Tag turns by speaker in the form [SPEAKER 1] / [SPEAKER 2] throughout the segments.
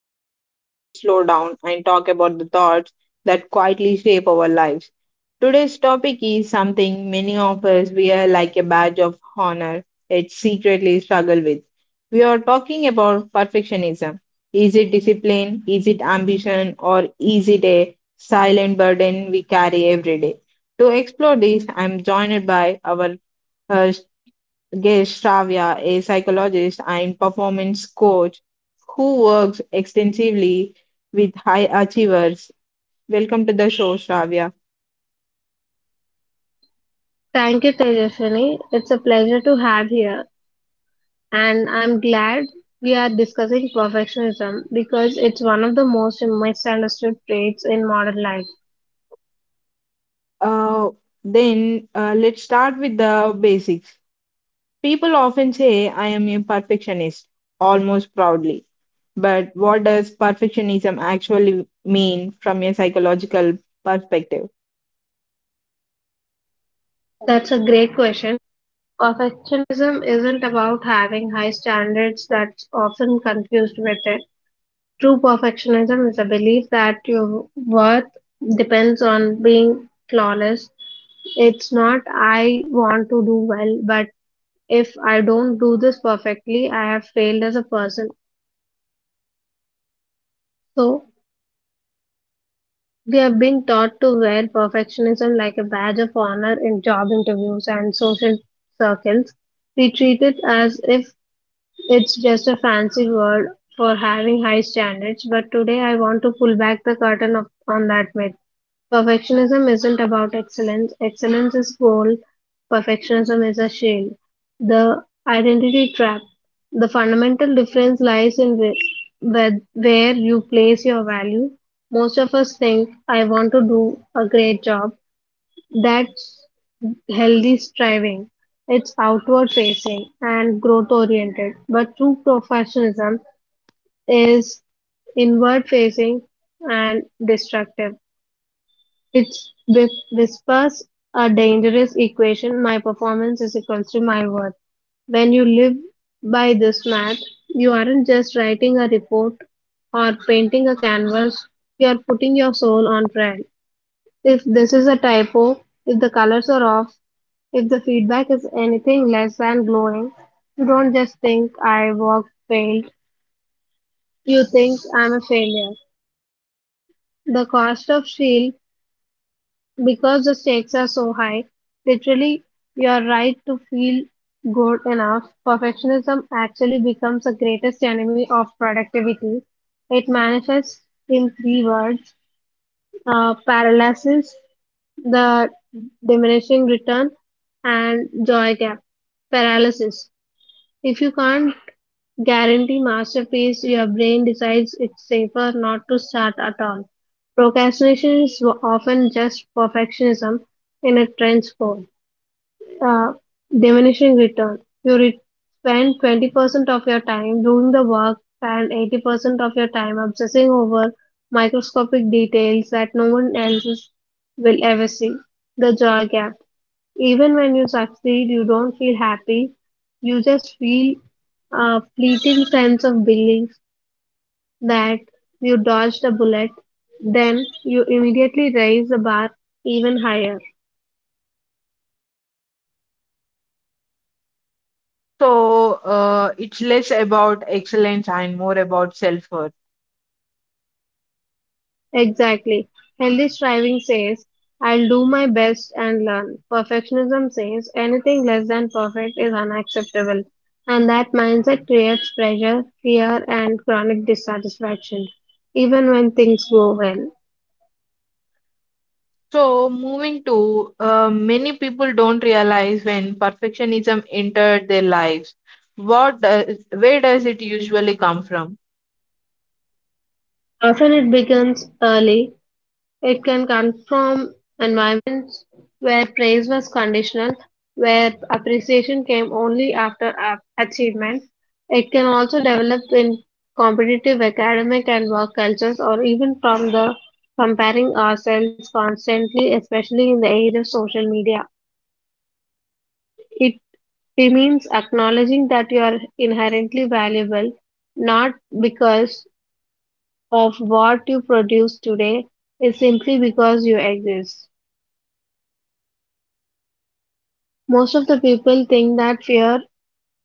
[SPEAKER 1] space where we slow down and talk about the thoughts that quietly shape our lives. Today's topic is something many of us wear like a badge of honor, yet secretly struggle with. We are talking about perfectionism. Is it discipline? Is it ambition? Or is it a silent burden we carry every day? To explore this, I'm joined by our host Gesh Travia, a psychologist and performance coach who works extensively with high achievers. Welcome to the show, Shravya.
[SPEAKER 2] Thank you, Tejaswini. It's a pleasure to have here, and I'm glad we are discussing perfectionism because it's one of the most misunderstood traits in modern life.
[SPEAKER 1] Uh, then let's start with the basics. People often say, I am a perfectionist, almost proudly. But what does perfectionism actually mean from a psychological perspective?
[SPEAKER 2] That's a great question. Perfectionism isn't about having high standards that's often confused with it. True perfectionism is a belief that your worth depends on being flawless. It's not I want to do well, but if I don't do this perfectly, I have failed as a person. So, we have been taught to wear perfectionism like a badge of honor in job interviews and social circles. We treat it as if it's just a fancy word for having high standards, but today I want to pull back the curtain of, on that myth. Perfectionism isn't about excellence, excellence is goal, perfectionism is a shield. The identity trap. The fundamental difference lies in where you place your value. Most of us think, I want to do a great job. That's healthy striving. It's outward facing and growth oriented, but true professionalism is inward facing and destructive. It whispers a dangerous equation my performance is equals to my worth. When you live by this math, you aren't just writing a report or painting a canvas, you are putting your soul on trial. If this is a typo, if the colors are off, if the feedback is anything less than glowing, you don't just think I work failed, you think I'm a failure. The cost of shield, because the stakes are so high, literally your right to feel good enough, perfectionism actually becomes the greatest enemy of productivity. It manifests in three words paralysis, the diminishing return and joy gap paralysis if you can't guarantee masterpiece your brain decides it's safer not to start at all procrastination is often just perfectionism in a trench coat uh, diminishing return. Spend 20% of your time doing the work and 80% of your time obsessing over microscopic details that no one else is- will ever see. The joy gap. Even when you succeed, you don't feel happy. You just feel a fleeting sense of belief that you dodged a bullet. Then you immediately raise the bar even higher.
[SPEAKER 1] So it's less about excellence and more about self worth.
[SPEAKER 2] Exactly. Healthy striving says, I'll do my best and learn. Perfectionism says, anything less than perfect is unacceptable. And that mindset creates pressure, fear, and chronic dissatisfaction, even when things go well.
[SPEAKER 1] So, moving to, many people don't realize when perfectionism entered their lives. What does, where does it usually come from?
[SPEAKER 2] Often it begins early. It can come from environments where praise was conditional, where appreciation came only after achievement. It can also develop in competitive academic and work cultures or even from the comparing ourselves constantly, especially in the age of social media. It means acknowledging that you are inherently valuable, not because of what you produce today, it's simply because you exist. Most of the people think that fear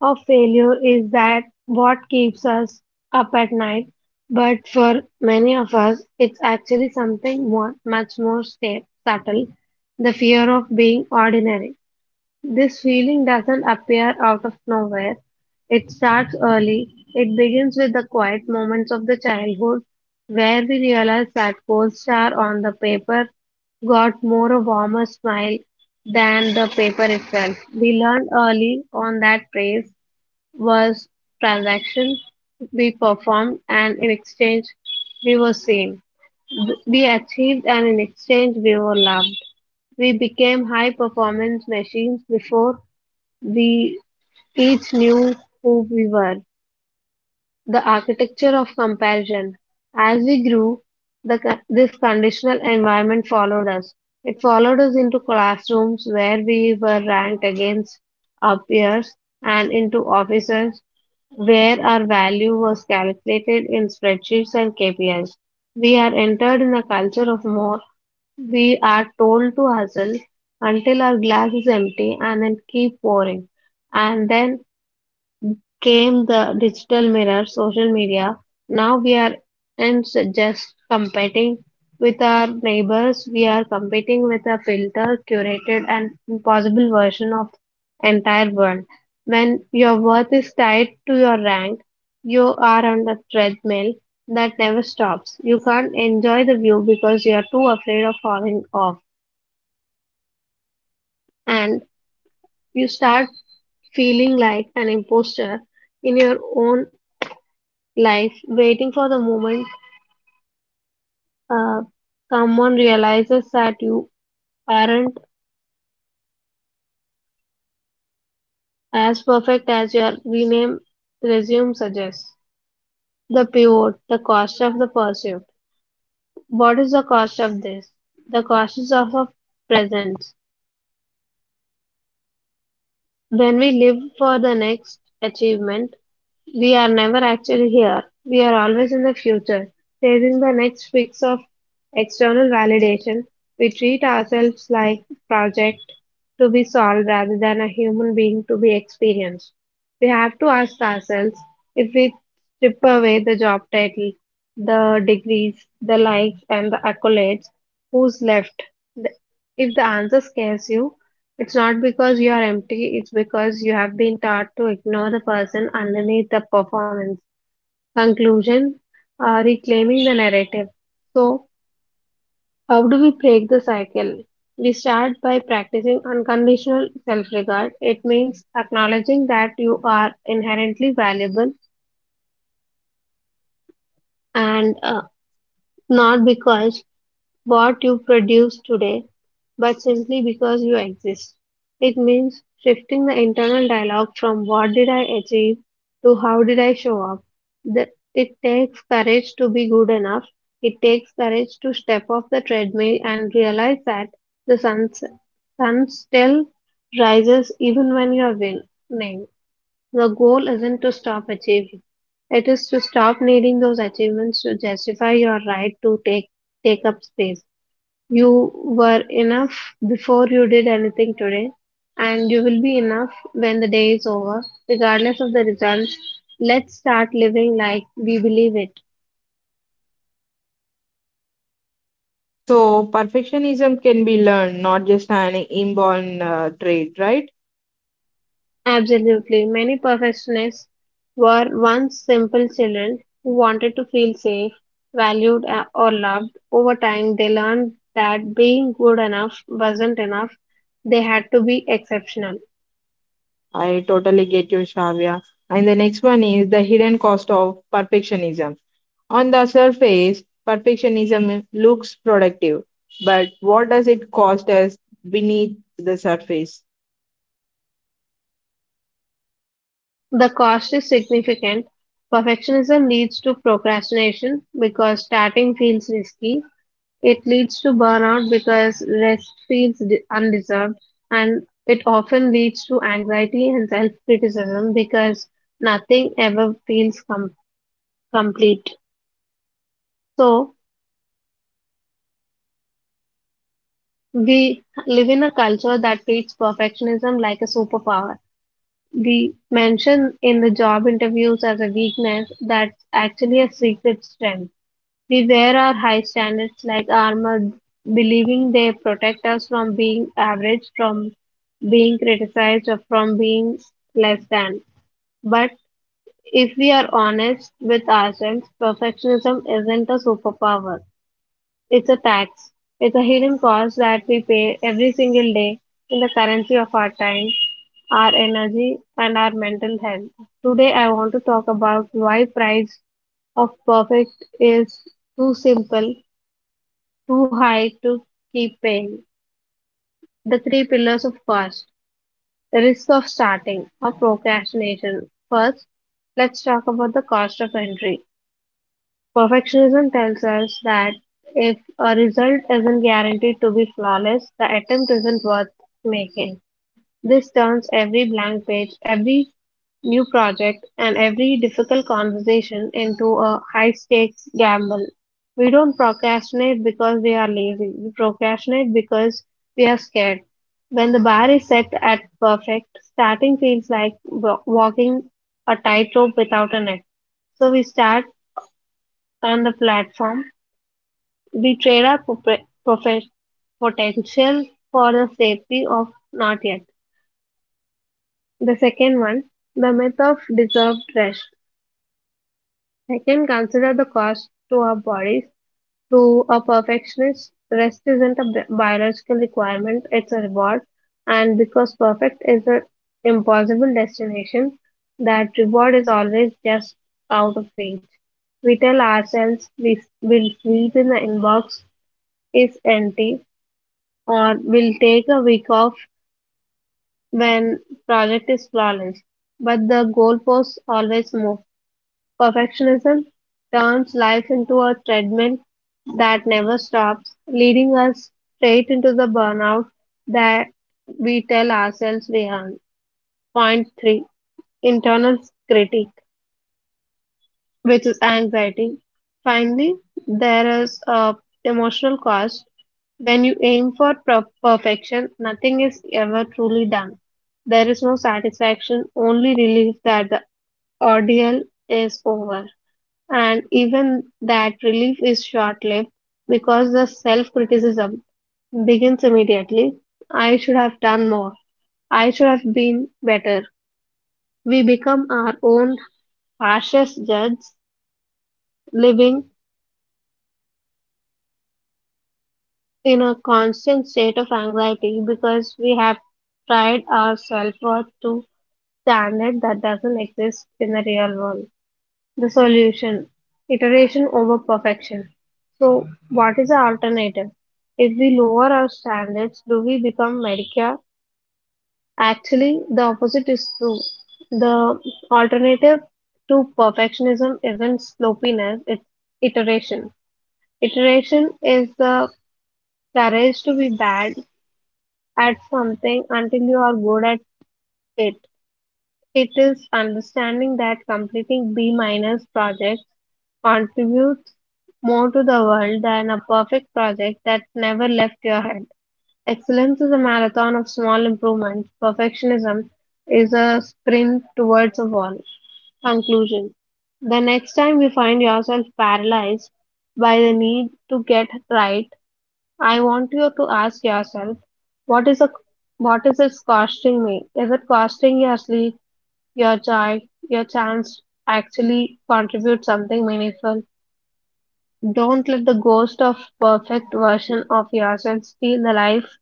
[SPEAKER 2] of failure is that what keeps us up at night, but for many of us, it's actually something more, much more subtle, the fear of being ordinary. This feeling doesn't appear out of nowhere. It starts early. It begins with the quiet moments of the childhood where we realize that gold star on the paper got more a warmer smile than the paper itself. We learned early on that praise was transaction we performed and in exchange we were seen. We achieved and in exchange we were loved. We became high performance machines before we each knew who we were. The architecture of comparison. As we grew, this conditional environment followed us. It followed us into classrooms where we were ranked against our peers and into offices where our value was calculated in spreadsheets and KPIs. We are entered in a culture of more. We are told to hustle until our glass is empty and then keep pouring. And then came the digital mirror, social media. Now we are and just competing with our neighbors. We are competing with a filter, curated, and impossible version of entire world. When your worth is tied to your rank, you are on the treadmill that never stops. You can't enjoy the view because you are too afraid of falling off, and you start feeling like an imposter in your own life, waiting for the moment uh, someone realizes that you aren't as perfect as your rename resume suggests. The pivot, the cost of the pursuit. What is the cost of this? The cost is of a presence. When we live for the next achievement, we are never actually here. We are always in the future, chasing the next fix of external validation. We treat ourselves like project to be solved rather than a human being to be experienced. We have to ask ourselves if we strip away the job title, the degrees, the likes, and the accolades, who's left? The- If the answer scares you, it's not because you are empty, it's because you have been taught to ignore the person underneath the performance. Conclusion reclaiming the narrative. So, how do we break the cycle? We start by practicing unconditional self regard. It means acknowledging that you are inherently valuable and not because what you produce today, but simply because you exist. It means shifting the internal dialogue from what did I achieve to how did I show up. The, it takes courage to be good enough. It takes courage to step off the treadmill and realize that the sun still rises even when you are winning. The goal isn't to stop achieving. It is to stop needing those achievements to justify your right to take up space. You were enough before you did anything today, and you will be enough when the day is over, regardless of the results. Let's start living like we believe it.
[SPEAKER 1] So, perfectionism can be learned, not just an inborn trait, right?
[SPEAKER 2] Absolutely. Many perfectionists were once simple children who wanted to feel safe, valued, or loved. Over time, they learned that being good enough wasn't enough, they had to be exceptional.
[SPEAKER 1] I totally get you, Shravya. And the next one is the hidden cost of perfectionism. On the surface, perfectionism looks productive, but what does it cost us beneath the surface?
[SPEAKER 2] The cost is significant. Perfectionism leads to procrastination because starting feels risky. It leads to burnout because rest feels undeserved. And it often leads to anxiety and self criticism because nothing ever feels complete. So, we live in a culture that treats perfectionism like a superpower. We mention in the job interviews as a weakness that's actually a secret strength. We wear our high standards like armor, believing they protect us from being average, from being criticized, or from being less than. But if we are honest with ourselves, perfectionism isn't a superpower. It's a tax. It's a hidden cost that we pay every single day in the currency of our time, our energy, and our mental health. Today, I want to talk about why price of perfect is too simple too high to keep paying. The three pillars of cost, the risk of starting or procrastination. First, let's talk about the cost of entry. Perfectionism tells us that if a result isn't guaranteed to be flawless, the attempt isn't worth making. This turns every blank page, every new project, and every difficult conversation into a high stakes gamble. We don't procrastinate because we are lazy. We procrastinate because we are scared. When the bar is set at perfect, starting feels like walking a tightrope without a net. So we start on the platform. We trade our potential for the safety of not yet. The second one, the myth of deserved rest. I can consider the cost to our bodies. To a perfectionist, rest isn't a biological requirement, it's a reward. And because perfect is an impossible destination, that reward is always just out of reach. We tell ourselves we will sleep in the inbox is empty or we'll take a week off when project is flawless. But the goalposts always move. Perfectionism turns life into a treadmill that never stops, leading us straight into the burnout that we tell ourselves we earn. Point three internal critique, which is anxiety. Finally, there is a emotional cost. When you aim for perfection, nothing is ever truly done. There is no satisfaction, only relief that the ordeal is over. And even that relief is short lived because the self criticism begins immediately. I should have done more. I should have been better. We become our own harshest judges, living in a constant state of anxiety because we have tried our self worth to standard that doesn't exist in the real world. The solution: iteration over perfection. So, what is the alternative? If we lower our standards, do we become mediocre? Actually, the opposite is true. The alternative to perfectionism isn't sloppiness, it's iteration. Iteration is the courage to be bad at something until you are good at it. It is understanding that completing B minus projects contributes more to the world than a perfect project that never left your head. Excellence is a marathon of small improvements. Perfectionism is a sprint towards a wall. Conclusion. The next time you find yourself paralyzed by the need to get right, I want you to ask yourself what is a what is it costing me? Is it costing your sleep? Your child? Your chance actually contribute something meaningful? Don't let the ghost of perfect version of yourself steal the life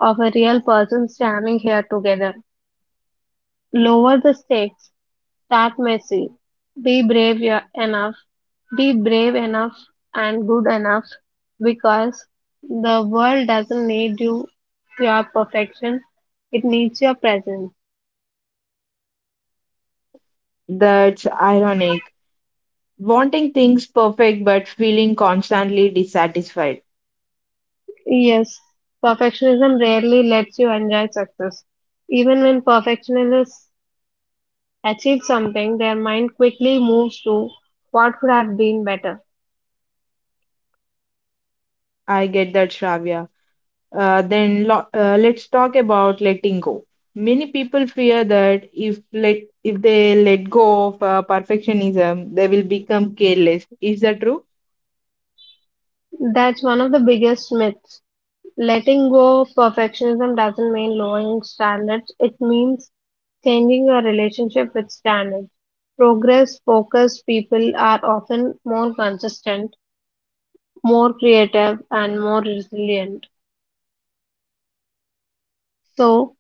[SPEAKER 2] of a real person standing here together. Lower the stakes, start messy, be brave yo- enough, be brave enough and good enough, because the world doesn't need you, your perfection, it needs your presence.
[SPEAKER 1] That's ironic wanting things perfect but feeling constantly dissatisfied.
[SPEAKER 2] Yes, perfectionism rarely lets you enjoy success. Even when perfectionists achieve something, their mind quickly moves to what could have been better.
[SPEAKER 1] I get that, Shravya. Then let's talk about letting go. Many people fear that if they let go of perfectionism, they will become careless. Is that true?
[SPEAKER 2] That's one of the biggest myths. Letting go of perfectionism doesn't mean lowering standards, it means changing your relationship with standards. Progress focused people are often more consistent, more creative, and more resilient. So,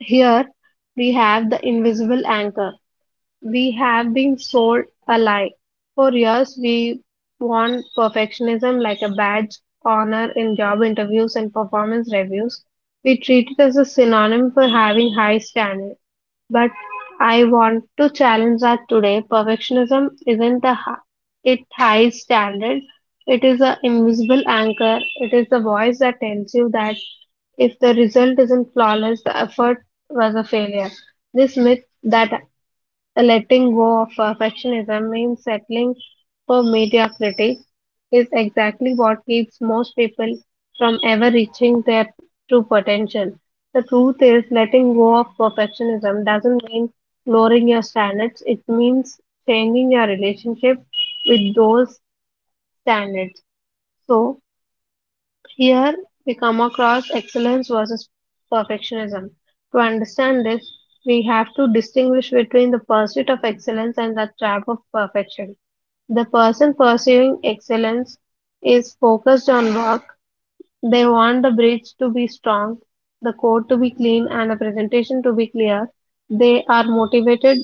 [SPEAKER 2] here we have the invisible anchor. We have been sold a lie. For years, we want perfectionism like a badge honor in job interviews and performance reviews. We treat it as a synonym for having high standards, but I want to challenge that today. Perfectionism isn't a hi- It high standard. It is an invisible anchor. It is the voice that tells you that if the result isn't flawless, the effort was a failure. This myth that letting go of perfectionism means settling for mediocrity is exactly what keeps most people from ever reaching their true potential. The truth is, letting go of perfectionism doesn't mean lowering your standards, it means changing your relationship with those standards. So, here we come across excellence versus perfectionism. To understand this, we have to distinguish between the pursuit of excellence and the trap of perfection. The person pursuing excellence is focused on work. They want the bridge to be strong, the code to be clean and the presentation to be clear. They are motivated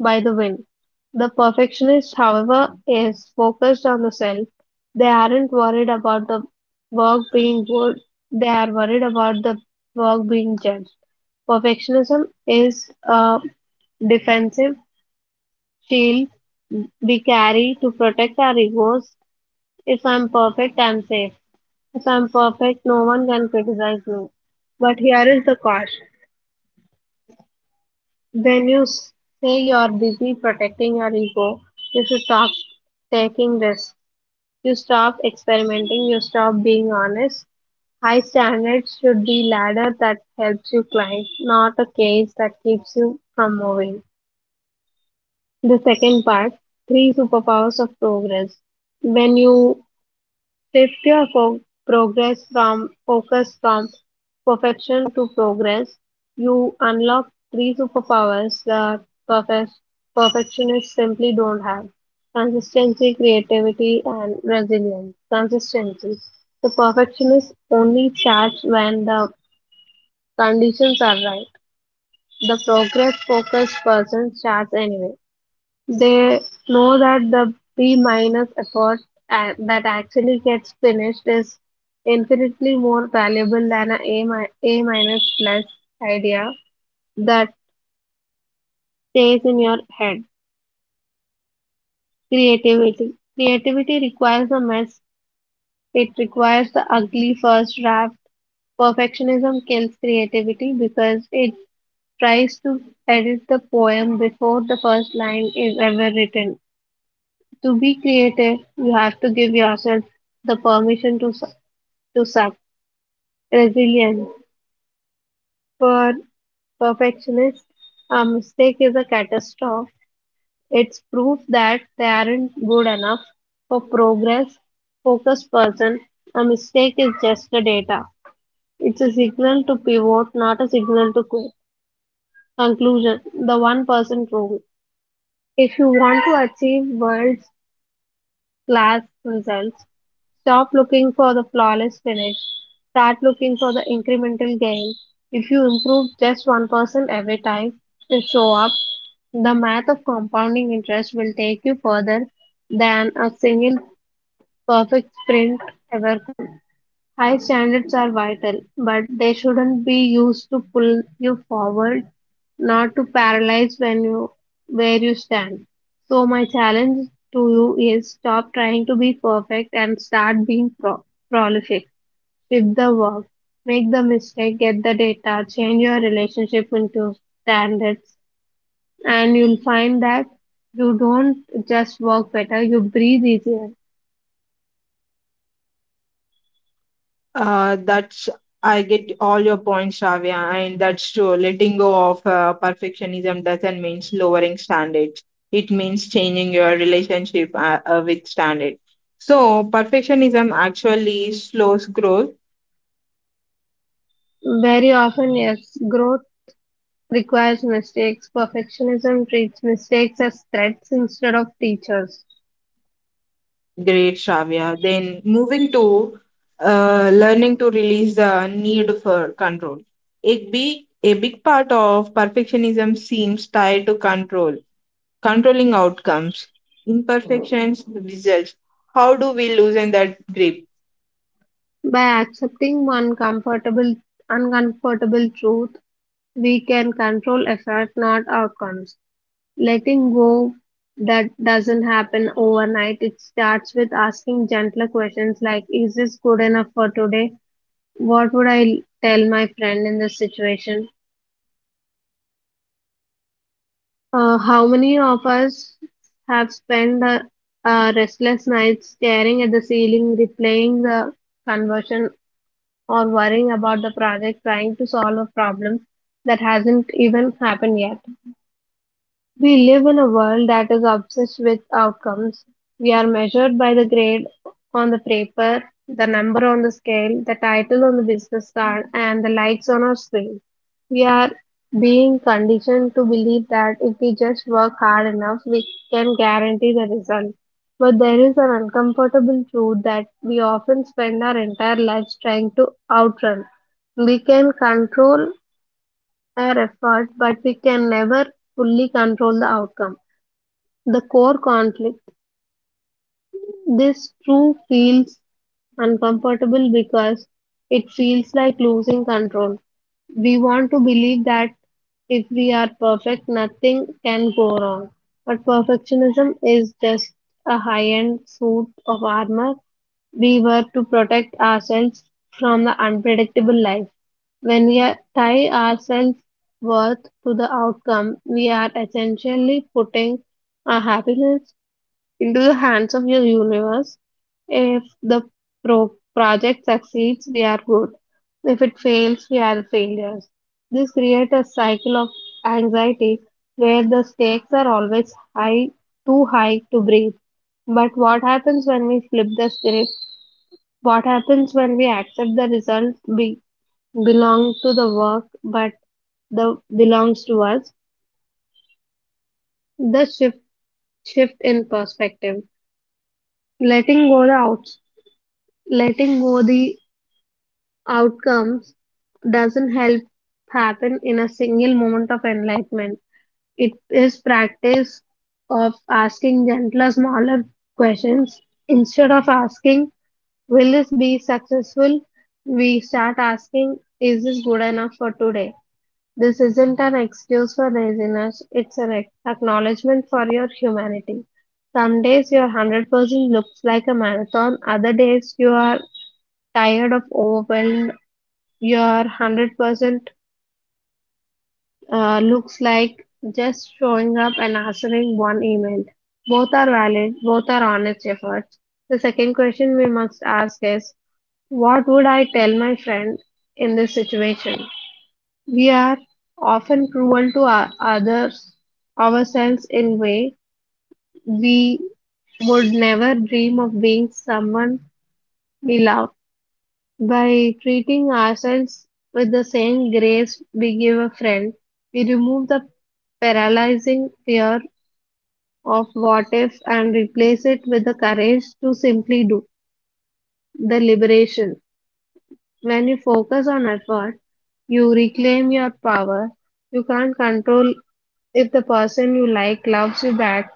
[SPEAKER 2] by the win. The perfectionist, however, is focused on the self. They aren't worried about the work being good, they are worried about the work being judged. Perfectionism is a defensive shield we carry to protect our egos. If I'm perfect, I'm safe. If I'm perfect, no one can criticize me. But here is the catch. When you s- Say you're busy protecting your ego, you should stop taking risks. You stop experimenting, you stop being honest. High standards should be ladder that helps you climb, not a cage that keeps you from moving. The second part, three superpowers of progress. When you Shift your fo- progress from focus from perfection to progress. You unlock three superpowers that perfec- perfectionists simply don't have. Consistency, creativity, and resilience. Consistency. The perfectionist only starts when the conditions are right. The progress focused person starts anyway. They know that the B minus effort that actually gets finished is infinitely more valuable than A minus plus idea that stays in your head. Creativity. Creativity requires a mess. It requires the ugly first draft. Perfectionism kills creativity because it tries to edit the poem before the first line is ever written. To be creative, you have to give yourself the permission to suck. To suck. Resilience. For perfectionists, a mistake is a catastrophe. It's proof that they aren't good enough. For progress, focused person, a mistake is just a data. It's a signal to pivot, not a signal to quit. Conclusion. The one person rule. If you want to achieve world class results. Stop looking for the flawless finish. Start looking for the incremental gain. If you improve just 1% every time you show up, the math of compounding interest will take you further than a single perfect sprint ever. High standards are vital, but they shouldn't be used to pull you forward, not to paralyze when you where you stand. So my challenge to you is stop trying to be perfect and start being prolific. Shift the work, make the mistake, get the data, change your relationship into standards, and you'll find that you don't just work better, you breathe easier.
[SPEAKER 1] That's I get all your points, Shravya, and that's true. Letting go of perfectionism doesn't mean lowering standards. It means changing your relationship with standards. So perfectionism actually slows growth.
[SPEAKER 2] Very often, yes, growth requires mistakes. Perfectionism treats mistakes as threats instead of teachers.
[SPEAKER 1] Great, Shravya. Then moving to learning to release the need for control. A big part of perfectionism seems tied to controlling outcomes, imperfections, results. How do we loosen that grip?
[SPEAKER 2] By accepting one comfortable, uncomfortable truth, we can control effort, not outcomes. Letting go that doesn't happen overnight. It starts with asking gentler questions like, is this good enough for today? What would I tell my friend in this situation? How many of us have spent restless nights staring at the ceiling, replaying the conversion, or worrying about the project trying to solve a problem that hasn't even happened yet? We live in a world that is obsessed with outcomes. We are measured by the grade on the paper, the number on the scale, the title on the business card, and the likes on our screen. We are being conditioned to believe that if we just work hard enough, we can guarantee the result. But there is an uncomfortable truth that we often spend our entire lives trying to outrun. We can control our effort, but we can never fully control the outcome. The core conflict this too feels uncomfortable because it feels like losing control. We want to believe that if we are perfect, nothing can go wrong. But perfectionism is just a high end suit of armor we were to protect ourselves from the unpredictable life. Tie ourselves worth to the outcome, we are essentially putting our happiness into the hands of your universe. If the pro- Project succeeds, we are good. If it fails, we are failures. This creates a cycle of anxiety where the stakes are always high, too high to breathe. But what happens when we flip the script? What happens when we accept the result be- Belong to the work but the belongs to us? The shift in perspective. Letting go the out Letting go the outcomes doesn't help happen in a single moment of enlightenment. It is practice of asking gentler, smaller questions. Instead of asking, will this be successful? We start asking, is this good enough for today? This isn't an excuse for laziness, it's an ac- Acknowledgement for your humanity. Some days your 100% looks like a marathon, other days you are tired of overwhelmed your 100% looks like just showing up and answering one email. Both are valid, both are honest efforts. The second question we must ask is what would I tell my friend in this situation? We are often cruel to our others ourselves in way we would never dream of being someone we love. By treating ourselves with the same grace we give a friend, we remove the paralyzing fear of what if and replace it with the courage to simply do. The liberation. When you focus on effort, you reclaim your power. You can't control if the person you like loves you back,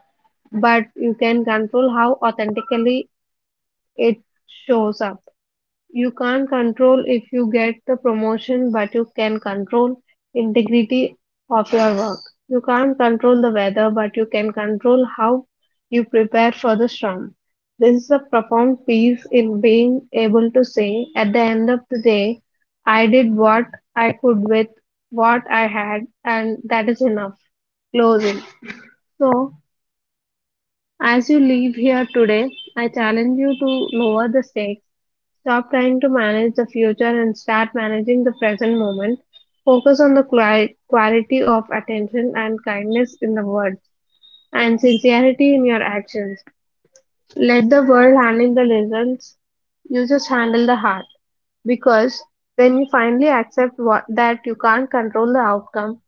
[SPEAKER 2] but you can control how authentically it shows up. You can't control if you get the promotion, but you can control integrity of your work. You can't control the weather, but you can control how you prepare for the storm. This is a profound peace in being able to say, at the end of the day, I did what I could with what I had, and that is enough. Closing. So, as you leave here today, I challenge you to lower the stakes. Stop trying to manage the future and start managing the present moment. Focus on the quality of attention and kindness in the words and sincerity in your actions. Let the world handle the results. You just handle the heart. Because when you finally accept what, that you can't control the outcome,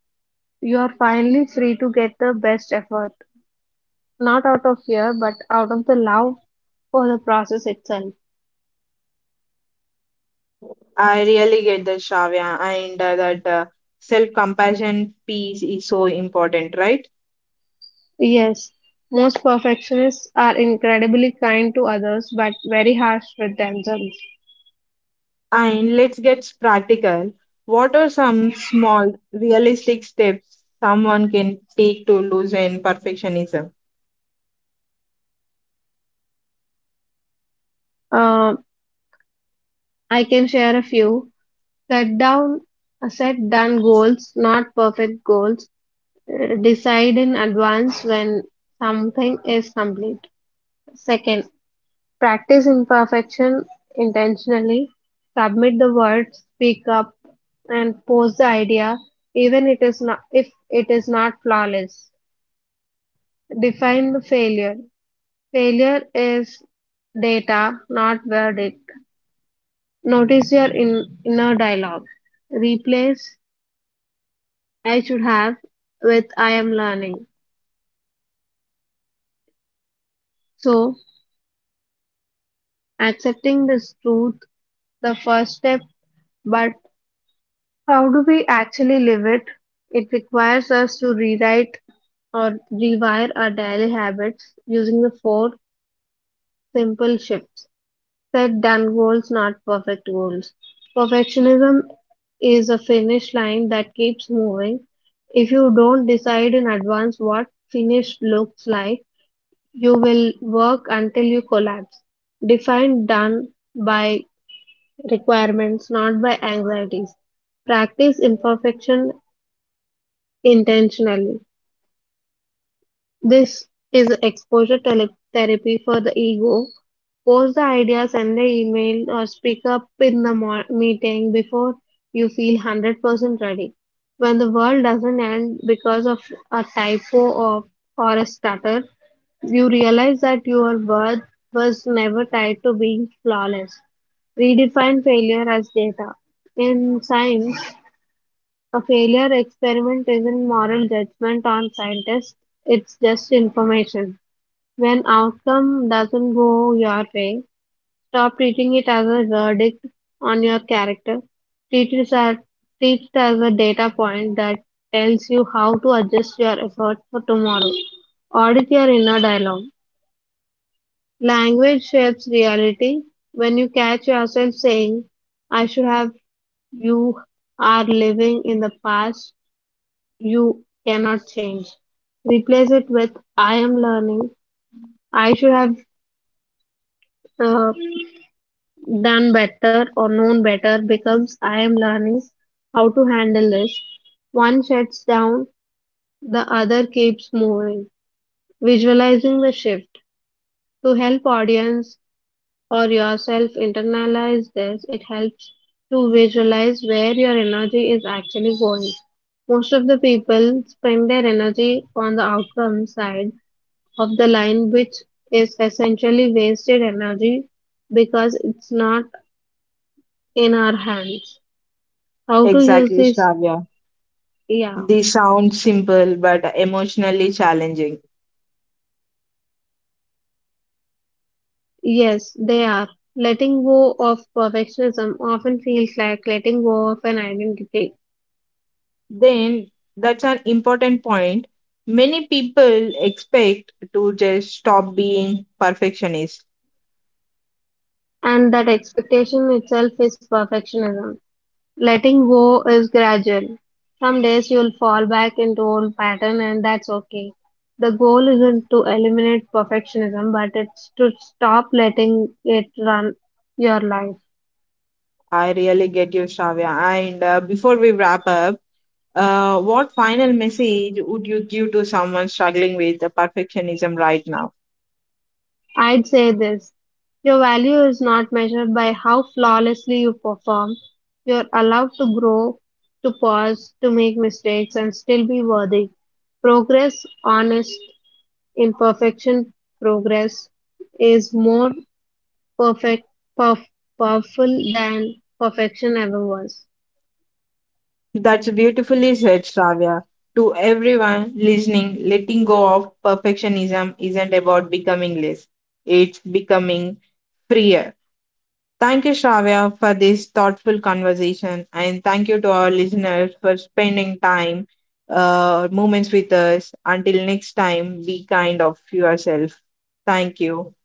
[SPEAKER 2] you are finally free to get the best effort. Not out of fear, but out of the love for the process itself.
[SPEAKER 1] I really get that, Shavya, and that self compassion piece is so important, right?
[SPEAKER 2] Yes, most perfectionists are incredibly kind to others but very harsh with themselves.
[SPEAKER 1] And let's get practical. What are some small, realistic steps someone can take to loosen perfectionism?
[SPEAKER 2] Um, I can share a few. Set down, Set done goals, not perfect goals. Decide in advance when something is complete. Second, practice imperfection intentionally. Submit the words, speak up, and pose the idea even it is not if it is not flawless. Define the failure. Failure is data, not verdict. Notice your inner dialogue. Replace I should have with I am learning. So, accepting this truth, the first step, but how do we actually live it? It requires us to rewrite or rewire our daily habits using the four simple shifts. Set done goals, not perfect goals. Perfectionism is a finish line that keeps moving. If you don't decide in advance what finished looks like, you will work until you collapse. Define done by requirements, not by anxieties. Practice imperfection intentionally. This is exposure therapy for the ego. Post the ideas, send the email, or speak up in the meeting before you feel 100% ready. When the world doesn't end because of a typo or a stutter, you realize that your worth was never tied to being flawless. Redefine failure as data. In science, a failure experiment isn't moral judgment on scientists, it's just information. When outcome doesn't go your way, stop treating it as a verdict on your character. Treat it as, Treat it as a data point that tells you how to adjust your efforts for tomorrow. Audit your inner dialogue. Language shapes reality. When you catch yourself saying, I should have, you are living in the past you cannot change. Replace it with I am learning. I should have uh, done better or known better becomes I am learning how to handle this. One shuts down, the other keeps moving. Visualizing the shift to help audience or yourself internalize this, it helps to visualize where your energy is actually going. Most of the people spend their energy on the outcome side of the line, which is essentially wasted energy because it's not in our hands. How to use
[SPEAKER 1] Exactly,
[SPEAKER 2] this?
[SPEAKER 1] Shravya.
[SPEAKER 2] Yeah,
[SPEAKER 1] This sounds simple but emotionally challenging.
[SPEAKER 2] Yes, they are. Letting go of perfectionism often feels like letting go of an identity,
[SPEAKER 1] Then that's an important point. Many people expect to just stop being perfectionists.
[SPEAKER 2] and that expectation itself is perfectionism. Letting go is gradual. Some days you'll fall back into old pattern and that's okay. The goal isn't to eliminate perfectionism, but it's to stop letting it run your life.
[SPEAKER 1] I really get you, Shravya. And before we wrap up, what final message would you give to someone struggling with the perfectionism right now?
[SPEAKER 2] I'd say this. Your value is not measured by how flawlessly you perform. You're allowed to grow, to pause, to make mistakes and still be worthy. Progress, honest, imperfection, progress is more perfect, perf- powerful than perfection ever was.
[SPEAKER 1] That's beautifully said, Shravya. To everyone listening, letting go of perfectionism isn't about becoming less, it's becoming freer. Thank you, Shravya, for this thoughtful conversation, and thank you to our listeners for spending time, moments with us. Until next time, be kind of yourself. Thank you.